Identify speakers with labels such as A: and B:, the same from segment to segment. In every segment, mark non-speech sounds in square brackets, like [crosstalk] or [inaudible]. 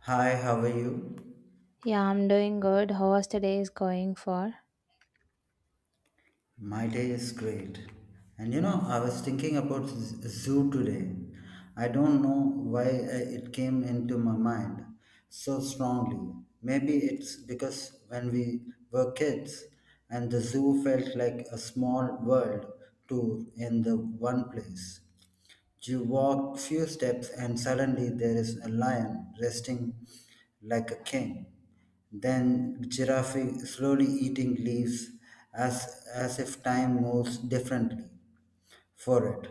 A: Hi, how are you?
B: Yeah, I'm doing good. How's today is going for?
A: My day is great. And you know, I was thinking about zoo today. I don't know why it came into my mind so strongly. Maybe it's because when we were kids and the zoo felt like a small world tour in the one place. You walk few steps and suddenly there is a lion resting like a king. Then giraffe slowly eating leaves as if time moves differently for it.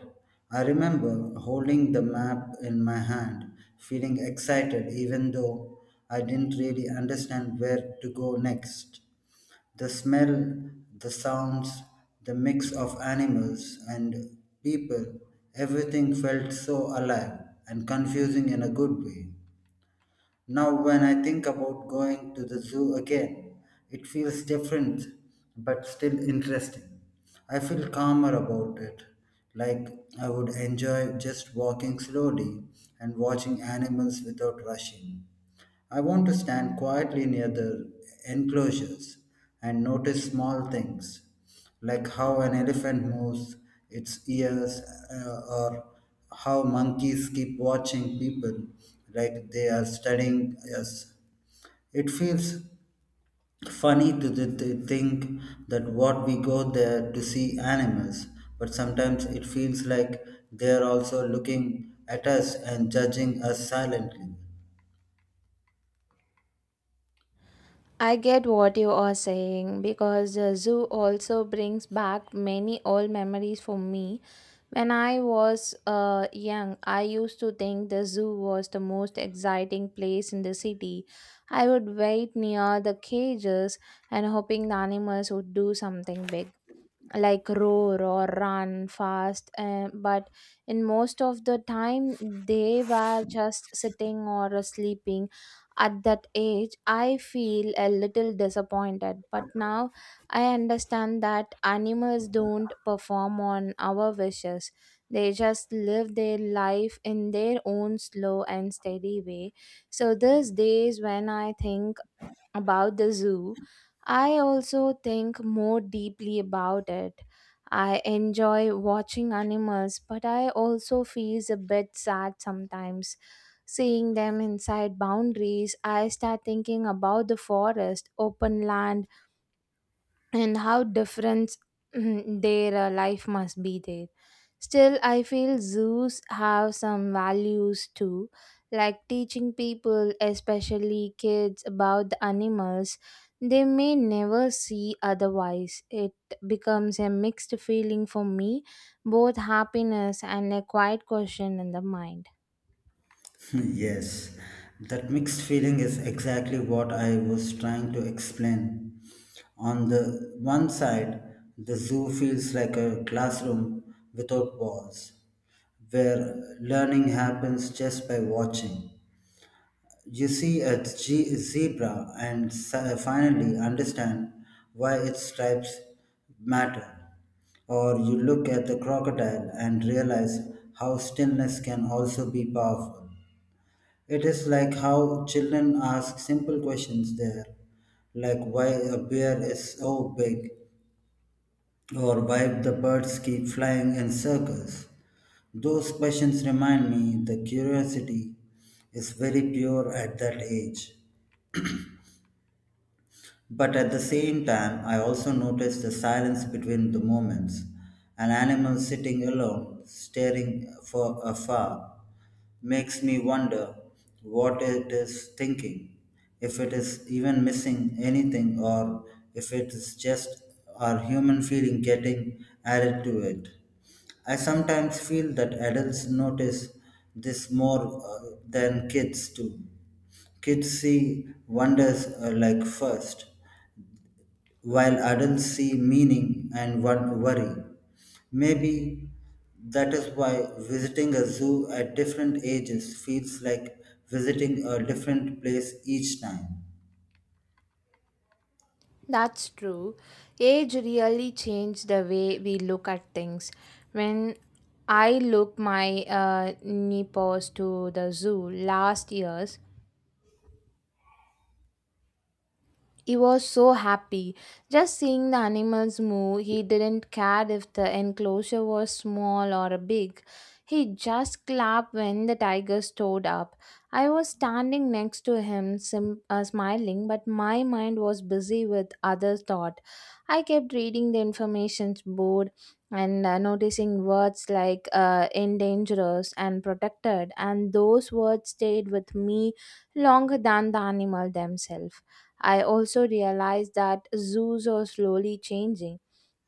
A: I remember holding the map in my hand, feeling excited even though I didn't really understand where to go next. The smell, the sounds, the mix of animals and people, everything felt so alive and confusing in a good way. Now, when I think about going to the zoo again, it feels different but still interesting. I feel calmer about it, like I would enjoy just walking slowly and watching animals without rushing. I want to stand quietly near the enclosures and notice small things, like how an elephant moves its ears, or how monkeys keep watching people like they are studying us. It feels funny to think that what we go there to see animals, but sometimes it feels like they are also looking at us and judging us silently.
B: I get what you are saying because the zoo also brings back many old memories for me. When I was young, I used to think the zoo was the most exciting place in the city. I would wait near the cages and hoping the animals would do something big, like roar or run fast, but in most of the time they were just sitting or sleeping. At that age I feel a little disappointed, but now I understand that animals don't perform on our wishes. They just live their life in their own slow and steady way. So these days when I think about the zoo, I also think more deeply about it. I enjoy watching animals, but I also feel a bit sad sometimes. Seeing them inside boundaries, I start thinking about the forest, open land, and how different their life must be there. Still, I feel zoos have some values too, like teaching people, especially kids, about the animals they may never see otherwise. It becomes a mixed feeling for me, both happiness and a quiet question in the mind.
A: Yes, that mixed feeling is exactly what I was trying to explain. On the one side, the zoo feels like a classroom without walls, where learning happens just by watching. You see a zebra and finally understand why its stripes matter. Or you look at the crocodile and realize how stillness can also be powerful. It is like how children ask simple questions there, like why a bear is so big or why the birds keep flying in circles. Those questions remind me the curiosity is very pure at that age. But at the same time, I also notice the silence between the moments, an animal sitting alone, staring for afar, makes me wonder what it is thinking, if it is even missing anything, or if it is just our human feeling getting added to it. I sometimes feel that adults notice this more than kids do. Kids see wonders, like first, while adults see meaning and one worry. Maybe that is why visiting a zoo at different ages feels like visiting a different place each time.
B: That's true. Age really changed the way we look at things. When I look my nephews to the zoo last year, he was so happy just seeing the animals move. He didn't care if the enclosure was small or big. He just clapped when the tiger stood up. I was standing next to him, smiling, but my mind was busy with other thought. I kept reading the information board and noticing words like endangered and protected, and those words stayed with me longer than the animal themselves. I also realized that zoos are slowly changing.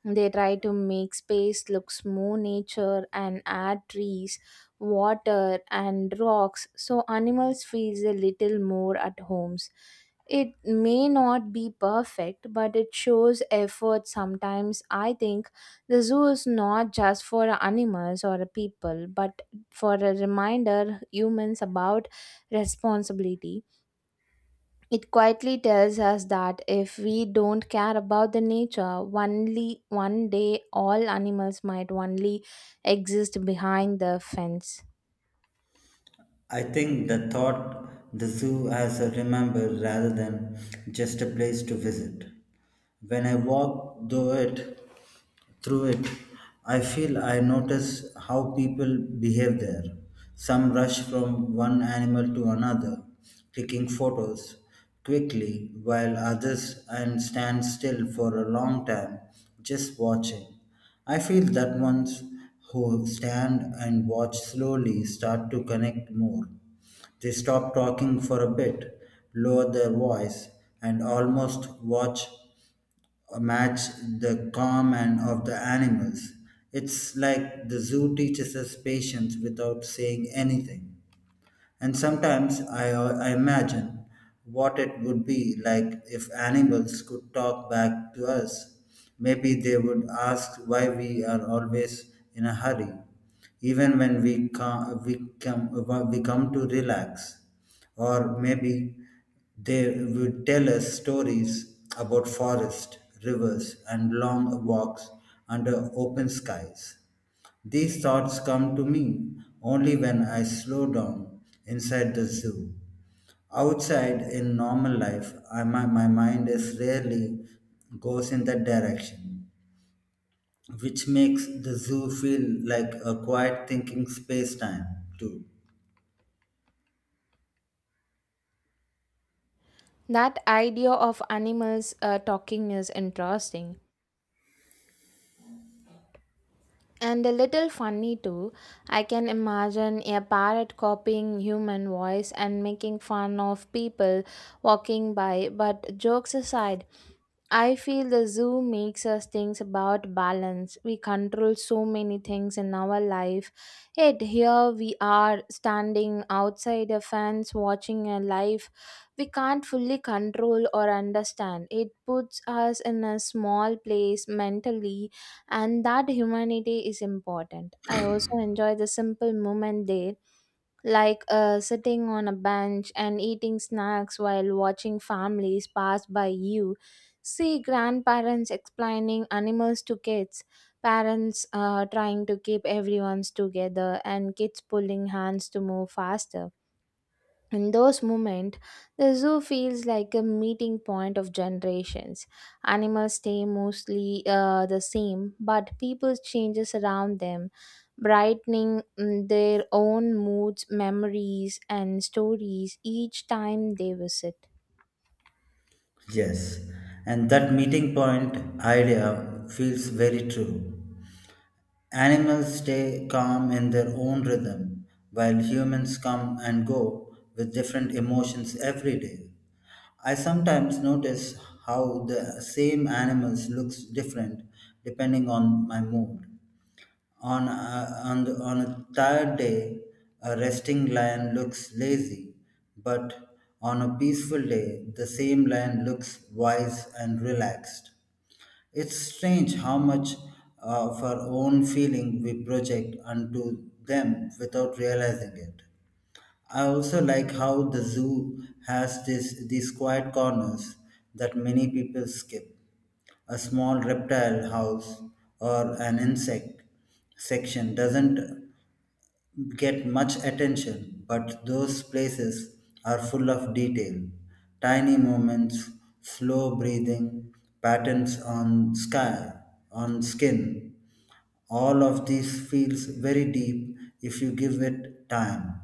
B: They try to make space looks more nature and add trees, water and rocks so animals feels a little more at homes. It may not be perfect but it shows effort sometimes. I think the zoo is not just for animals or people but for a reminder humans about responsibility. It quietly tells us that if we don't care about the nature, only one day all animals might only exist behind the fence.
A: I think the thought the zoo has a remember rather than just a place to visit. When I walk through it, I feel I notice how people behave there. Some rush from one animal to another, taking photos quickly, while others and stand still for a long time, just watching. I feel that ones who stand and watch slowly start to connect more. They stop talking for a bit, lower their voice, and almost watch match the calm and of the animals. It's like the zoo teaches us patience without saying anything. And sometimes I imagine what it would be like if animals could talk back to us. Maybe they would ask why we are always in a hurry, even when we come to relax. Or maybe they would tell us stories about forest, rivers, and long walks under open skies. These thoughts come to me only when I slow down inside the zoo. Outside in normal life, my mind is rarely goes in that direction, which makes the zoo feel like a quiet thinking space time, too.
B: That idea of animals talking is interesting and a little funny too. I can imagine a parrot copying human voice and making fun of people walking by, but jokes aside, I feel the zoo makes us think about balance. We control so many things in our life. Yet here we are standing outside a fence watching a life we can't fully control or understand. It puts us in a small place mentally and that humanity is important. I also enjoy the simple moment there, like sitting on a bench and eating snacks while watching families pass by you. See grandparents explaining animals to kids, parents trying to keep everyone's together, and kids pulling hands to move faster. In those moments, the zoo feels like a meeting point of generations. Animals stay mostly the same, but people changes around them, brightening their own moods, memories, and stories each time they visit.
A: Yes, and that meeting point idea feels very true. Animals stay calm in their own rhythm, while humans come and go with different emotions every day. I sometimes notice how the same animals looks different depending on my mood. On a tired day, a resting lion looks lazy, but on a peaceful day, the same lion looks wise and relaxed. It's strange how much of our own feeling we project onto them without realizing it. I also like how the zoo has these quiet corners that many people skip. A small reptile house or an insect section doesn't get much attention, but those places are full of detail. Tiny movements, slow breathing, patterns on sky, on skin. All of this feels very deep if you give it time.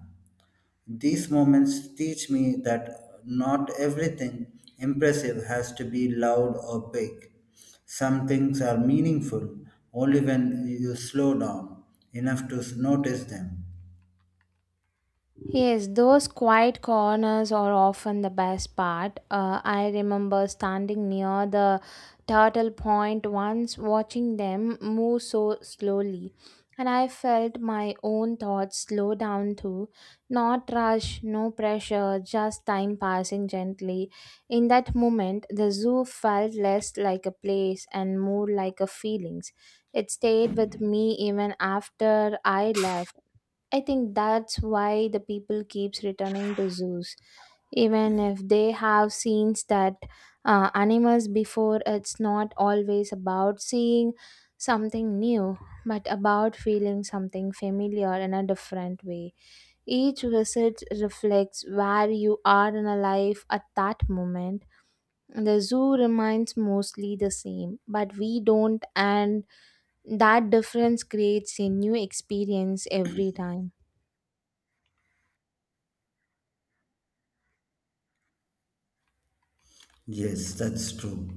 A: These moments teach me that not everything impressive has to be loud or big. Some things are meaningful only when you slow down enough to notice them.
B: Yes, those quiet corners are often the best part. I remember standing near the turtle point once, watching them move so slowly, and I felt my own thoughts slow down too. Not rush, no pressure, just time passing gently. In that moment, the zoo felt less like a place and more like a feelings. It stayed with me even after I left. I think that's why the people keeps returning to zoos, even if they have seen that animals before. It's not always about seeing something new, but about feeling something familiar in a different way. Each visit reflects where you are in a life at that moment. The zoo remains mostly the same, but we don't, and that difference creates a new experience every time.
A: Yes, that's true.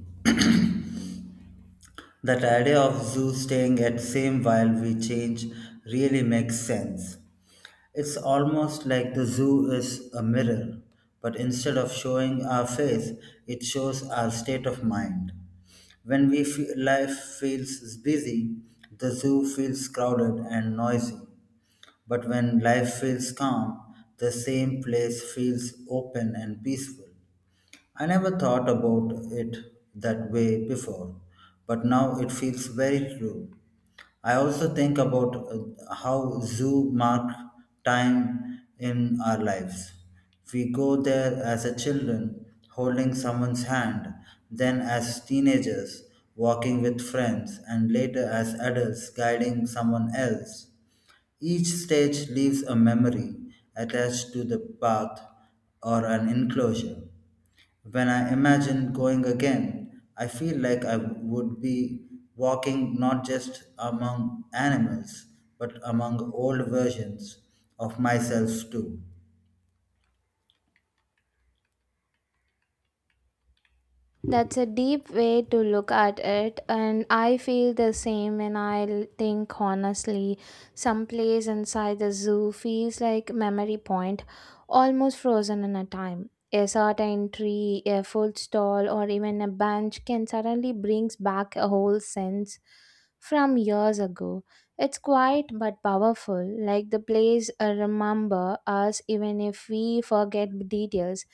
A: That idea of zoo staying at same while we change really makes sense. It's almost like the zoo is a mirror, but instead of showing our face, it shows our state of mind. When we feel life feels busy, the zoo feels crowded and noisy. But when life feels calm, the same place feels open and peaceful. I never thought about it that way before, but now it feels very true. I also think about how zoo mark time in our lives. We go there as a children, holding someone's hand, then as teenagers, walking with friends, and later as adults, guiding someone else. Each stage leaves a memory attached to the path or an enclosure. When I imagine going again, I feel like I would be walking not just among animals, but among old versions of myself too.
B: That's a deep way to look at it, and I feel the same when think honestly. Some place inside the zoo feels like memory point, almost frozen in a time. A certain tree, a food stall, or even a bench can suddenly brings back a whole sense from years ago. It's quiet but powerful, like the place remember us even if we forget details.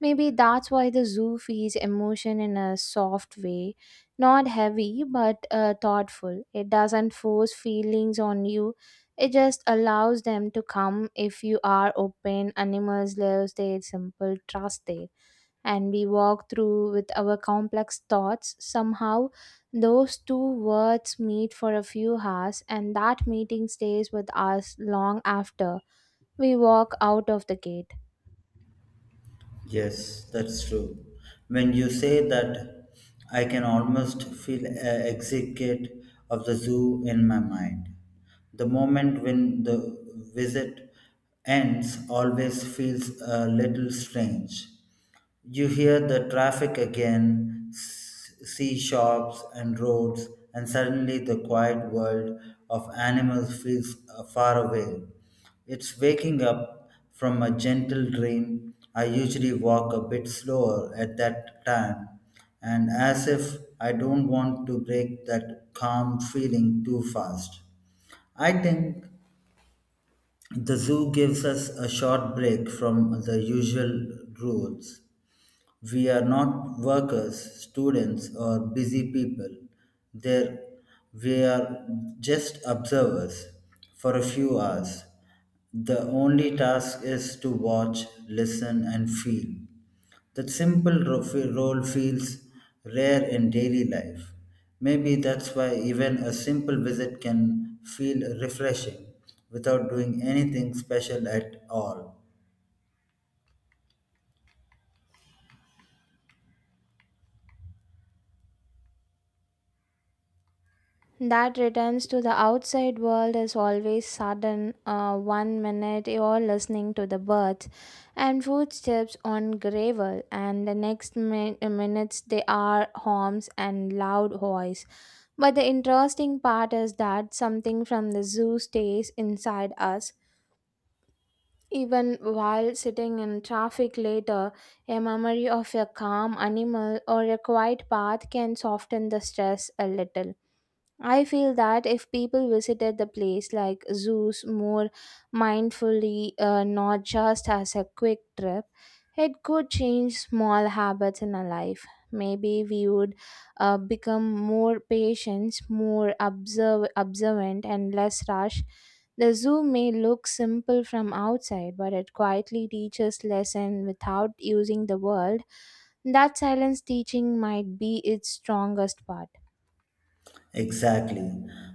B: Maybe that's why the zoo feeds emotion in a soft way, not heavy but thoughtful. It doesn't force feelings on you. It just allows them to come if you are open. Animals live their simple trust there, and we walk through with our complex thoughts. Somehow, those two words meet for a few hours, and that meeting stays with us long after we walk out of the gate.
A: Yes, that's true. When you say that, I can almost feel a exit of the zoo in my mind. The moment when the visit ends always feels a little strange. You hear the traffic again, sea shops and roads, and suddenly the quiet world of animals feels far away. It's waking up from a gentle dream. I usually walk a bit slower at that time, and as if I don't want to break that calm feeling too fast. I think the zoo gives us a short break from the usual rules. We are not workers, students, or busy people. There, we are just observers for a few hours. The only task is to watch, listen, and feel. That simple role feels rare in daily life. Maybe that's why even a simple visit can feel refreshing without doing anything special at all.
B: That returns to the outside world is always sudden. One minute you're listening to the birds and footsteps on gravel, and the next minutes they are homes and loud voice. But the interesting part is that something from the zoo stays inside us. Even while sitting in traffic later, a memory of a calm animal or a quiet path can soften the stress a little. I feel that if people visited the place like zoos more mindfully, not just as a quick trip, it could change small habits in our life. Maybe we would become more patient, more observant, and less rash. The zoo may look simple from outside, but it quietly teaches lesson without using the world. That silence teaching might be its strongest part.
A: Exactly.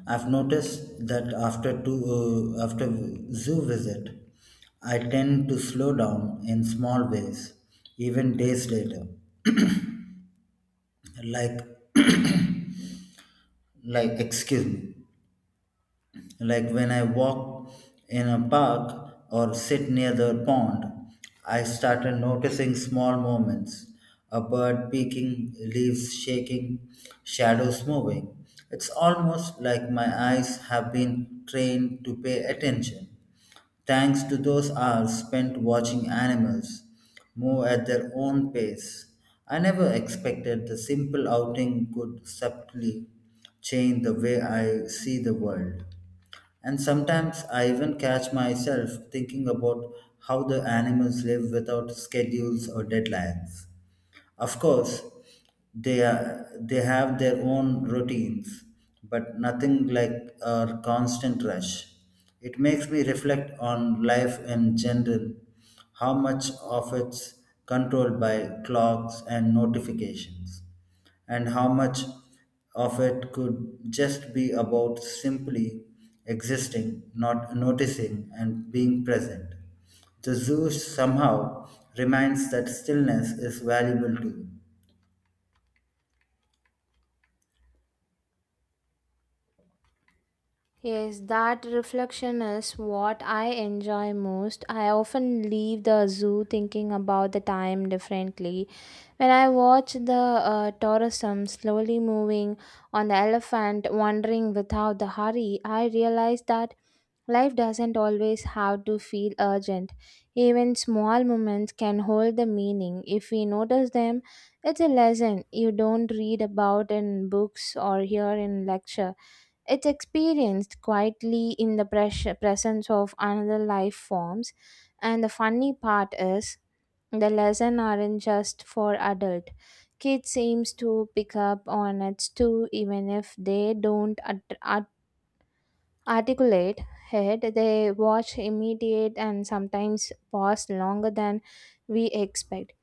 A: I've noticed that after zoo visit, I tend to slow down in small ways, even days later. Like, [coughs] [clears throat] like excuse me, like when I walk in a park or sit near the pond, I started noticing small movements, a bird peeking, leaves shaking, shadows moving. It's almost like my eyes have been trained to pay attention, thanks to those hours spent watching animals move at their own pace. I never expected the simple outing could subtly change the way I see the world. And sometimes I even catch myself thinking about how the animals live without schedules or deadlines. Of course, they have their own routines, but nothing like a constant rush. It makes me reflect on life in general, how much of it's controlled by clocks and notifications and how much of it could just be about simply existing, not noticing, and being present. The zoo somehow reminds that stillness is valuable too.
B: Yes, that reflection is what I enjoy most. I often leave the zoo thinking about the time differently. When I watch the tourism slowly moving on the elephant, wandering without the hurry, I realize that life doesn't always have to feel urgent. Even small moments can hold the meaning. If we notice them, it's a lesson you don't read about in books or hear in lecture. It's experienced quietly in the presence of another life forms, and the funny part is the lesson aren't just for adult. Kids seems to pick up on it too, even if they don't articulate it. They watch, imitate, and sometimes pause longer than we expect.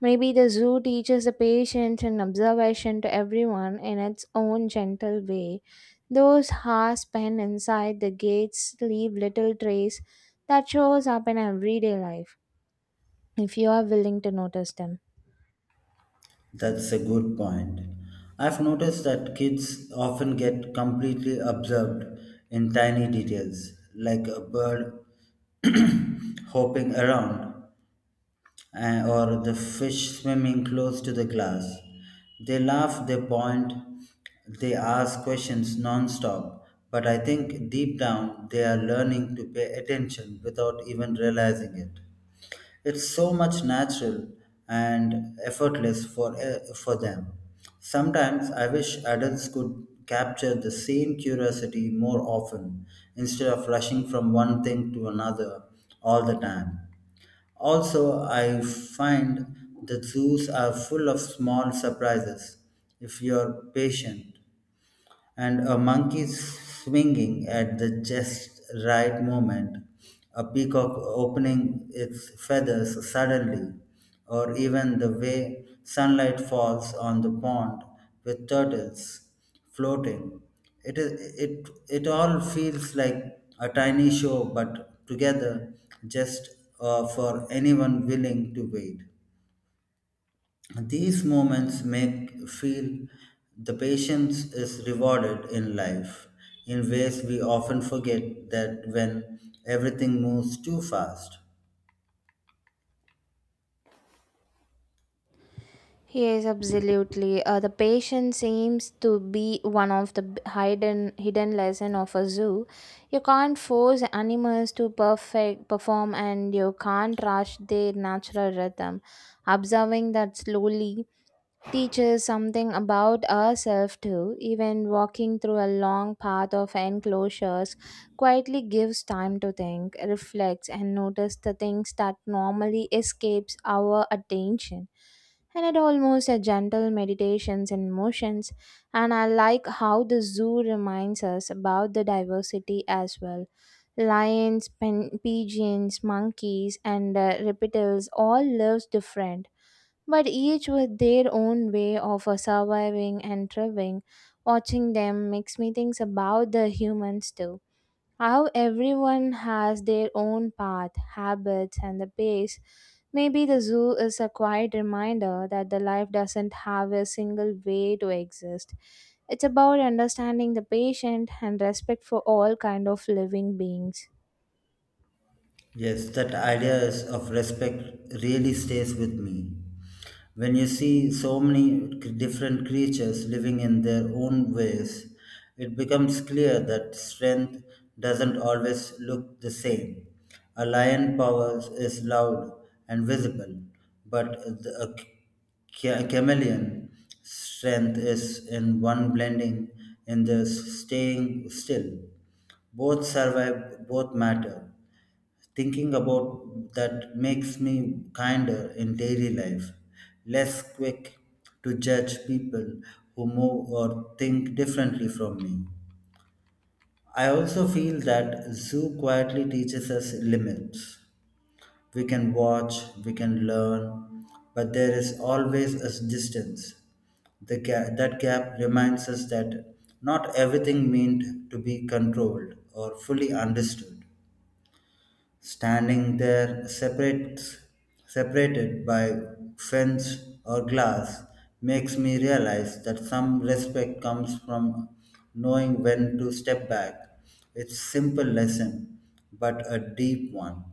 B: Maybe the zoo teaches the patience and observation to everyone in its own gentle way. Those hours spent inside the gates leave little trace that shows up in everyday life, if you are willing to notice them.
A: That's a good point. I've noticed that kids often get completely absorbed in tiny details, like a bird [coughs] [clears throat] hopping around or the fish swimming close to the glass. They laugh, they point, they ask questions non-stop. But I think deep down they are learning to pay attention without even realizing it. It's so much natural and effortless for them. Sometimes I wish adults could capture the same curiosity more often instead of rushing from one thing to another all the time. Also, I find the zoos are full of small surprises if you're patient and a monkey swinging at the just right moment, a peacock opening its feathers suddenly, or even the way sunlight falls on the pond with turtles floating. It all feels like a tiny show, but together just for anyone willing to wait. These moments make feel the patience is rewarded in life in ways we often forget that when everything moves too fast.
B: Yes, absolutely. The patient seems to be one of the hidden lesson of a zoo. You can't force animals to perfect perform, and you can't rush their natural rhythm. Observing that slowly teaches something about ourselves too. Even walking through a long path of enclosures quietly gives time to think, reflect, and notice the things that normally escapes our attention. And it almost a gentle meditations and motions. And I like how the zoo reminds us about the diversity as well. Lions, pen, pigeons, monkeys, and reptiles all lives different but each with their own way of surviving and thriving. Watching them makes me think about the humans too. How everyone has their own path, habits, and the pace. Maybe the zoo is a quiet reminder that the life doesn't have a single way to exist. It's about understanding the patient and respect for all kind of living beings.
A: Yes, that idea is of respect really stays with me. When you see so many different creatures living in their own ways, it becomes clear that strength doesn't always look the same. A lion power is loud and visible, but a chameleon strength is in one blending in the staying still. Both survive, both matter thinking about that makes me kinder in daily life, less quick to judge people who move or think differently from me. I also feel that zoo quietly teaches us limits. We can watch, we can learn, but there is always a distance. That gap reminds us that not everything meant to be controlled or fully understood. standing there separate, Separated by fence or glass makes me realize that some respect comes from knowing when to step back. It's simple lesson, but a deep one.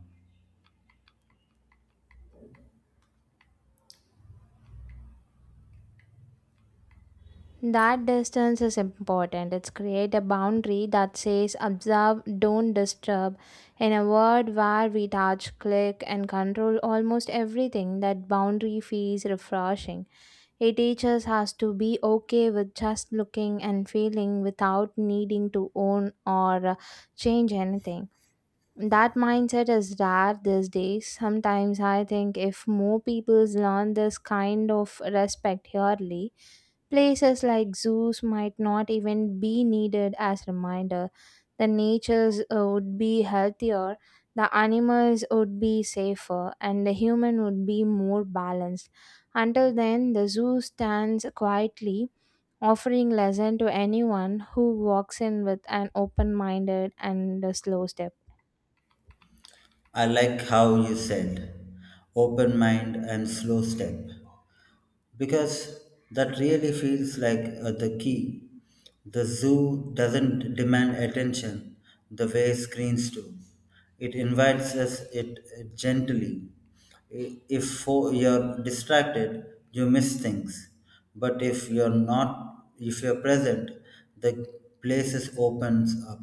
B: That distance is important. It's create a boundary that says observe, don't disturb. In a world where we touch, click, and control almost everything, that boundary feels refreshing. It teaches us to be okay with just looking and feeling without needing to own or change anything. That mindset is rare these days. Sometimes I think if more people learn this kind of respect yearly, places like zoos might not even be needed as reminder. The natures would be healthier, the animals would be safer, and the human would be more balanced. Until then, the zoo stands quietly, offering lesson to anyone who walks in with an open-minded and a slow step.
A: I like how you said open mind and slow step, because that really feels like the key. The zoo doesn't demand attention the way screens do. It invites us it gently. If you're distracted, you miss things. But if you're not, if you're present, the places opens up.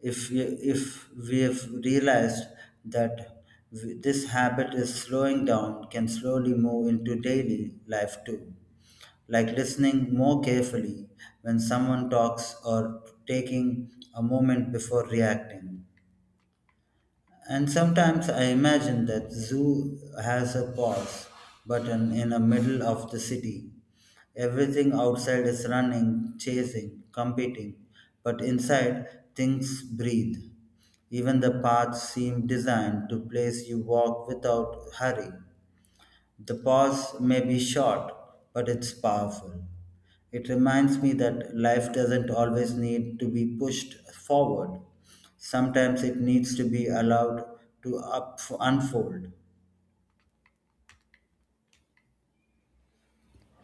A: If we have realized that this habit is slowing down, can slowly move into daily life too, like listening more carefully when someone talks or taking a moment before reacting. And sometimes I imagine that zoo has a pause button in the middle of the city. Everything outside is running, chasing, competing, but inside things breathe. Even the paths seem designed to place you walk without hurry. The pause may be short, but it's powerful. It reminds me that life doesn't always need to be pushed forward. Sometimes it needs to be allowed to unfold.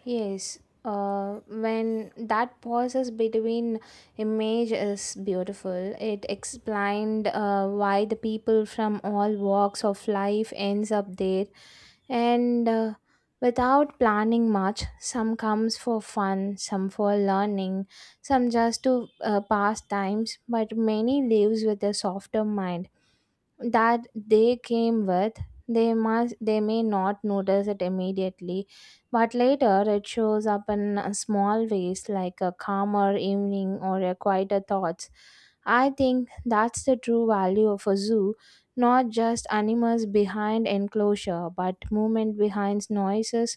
B: Yes, when that pauses between image is beautiful. It explained why the people from all walks of life ends up there, and without planning much, some comes for fun, some for learning, some just to pass times. But many lives with a softer mind that they came with, they must, they may not notice it immediately but later it shows up in small ways like a calmer evening or a quieter thoughts. I think that's the true value of a zoo, not just animals behind enclosure, but movement behind noises.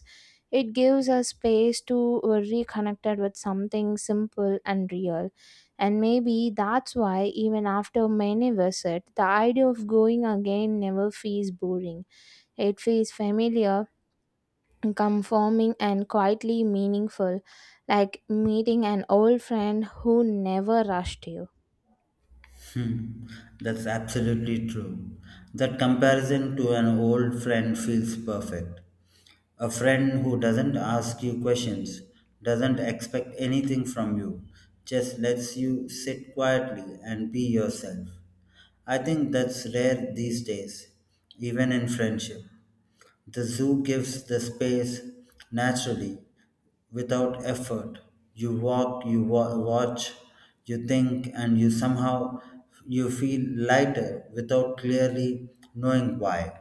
B: It gives us space to reconnect with something simple and real. And maybe that's why, even after many visits, the idea of going again never feels boring. It feels familiar, conforming, and quietly meaningful, like meeting an old friend who never rushed you.
A: Hmm, that's absolutely true. That comparison to an old friend feels perfect. A friend who doesn't ask you questions, doesn't expect anything from you, just lets you sit quietly and be yourself. I think that's rare these days, even in friendship. The zoo gives the space naturally without effort. You walk, watch, you think, and you feel lighter without clearly knowing why.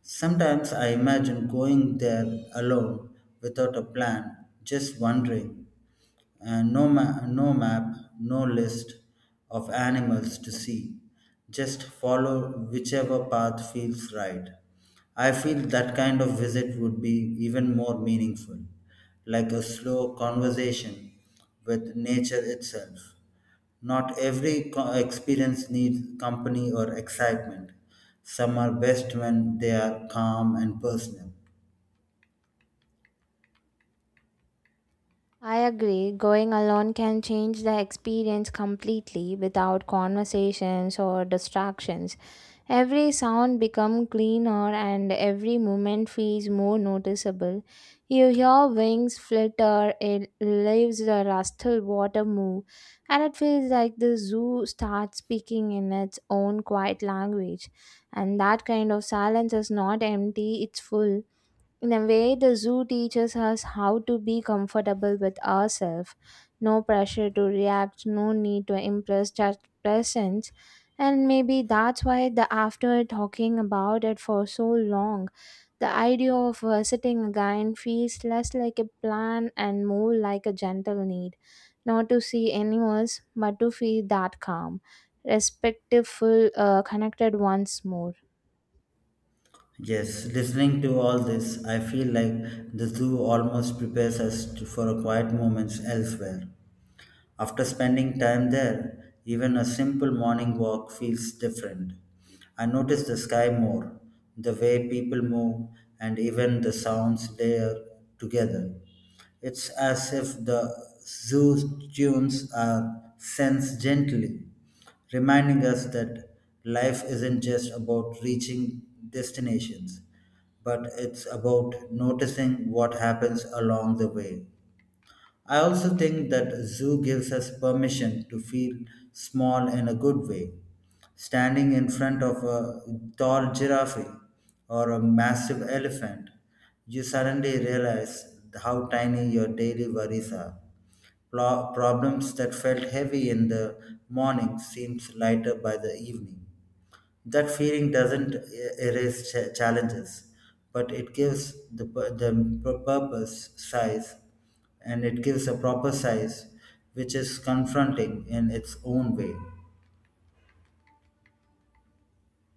A: Sometimes I imagine going there alone without a plan, just wandering, and no map, no list of animals to see. Just follow whichever path feels right. I feel that kind of visit would be even more meaningful, like a slow conversation with nature itself. Not every experience needs company or excitement. Some are best when they are calm and personal.
B: I agree. Going alone can change the experience completely without conversations or distractions. Every sound becomes cleaner and every movement feels more noticeable. You hear wings flutter, it leaves the rustle water move, and it feels like the zoo starts speaking in its own quiet language. And that kind of silence is not empty, it's full in a way, the zoo teaches us how to be comfortable with ourselves. No pressure to react, no need to impress, just presence. And maybe that's why the after talking about it for so long, the idea of visiting again feels less like a plan and more like a gentle need. Not to see animals, but to feel that calm, respectful, connected once more.
A: Yes, listening to all this, I feel like the zoo almost prepares us for a quiet moments elsewhere. After spending time there, even a simple morning walk feels different. I notice the sky more, the way people move, and even the sounds layer together. It's as if the zoo's tunes are sensed gently, reminding us that life isn't just about reaching destinations, but it's about noticing what happens along the way. I also think that a zoo gives us permission to feel small in a good way. Standing in front of a tall giraffe or a massive elephant, you suddenly realize how tiny your daily worries are. Problems that felt heavy in the morning seems lighter by the evening that feeling doesn't erase challenges, but it gives the pur- purpose size and it gives a proper size, which is confronting in its own way.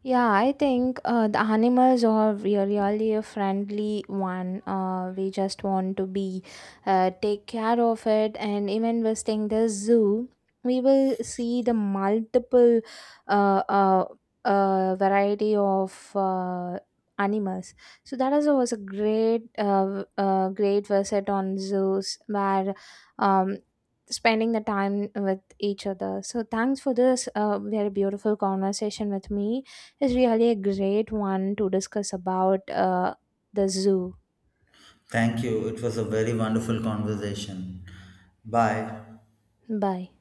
B: Yeah, I think the animals are really a friendly one. We just want to be take care of it, and even visiting the zoo, we will see the multiple uh, uh, variety of animals. So that is was a great great visit on zoos where um, spending the time with each other. So thanks for this very beautiful conversation with me is really a great one to discuss about the zoo.
A: Thank you. It was a very wonderful conversation. Bye.
B: Bye.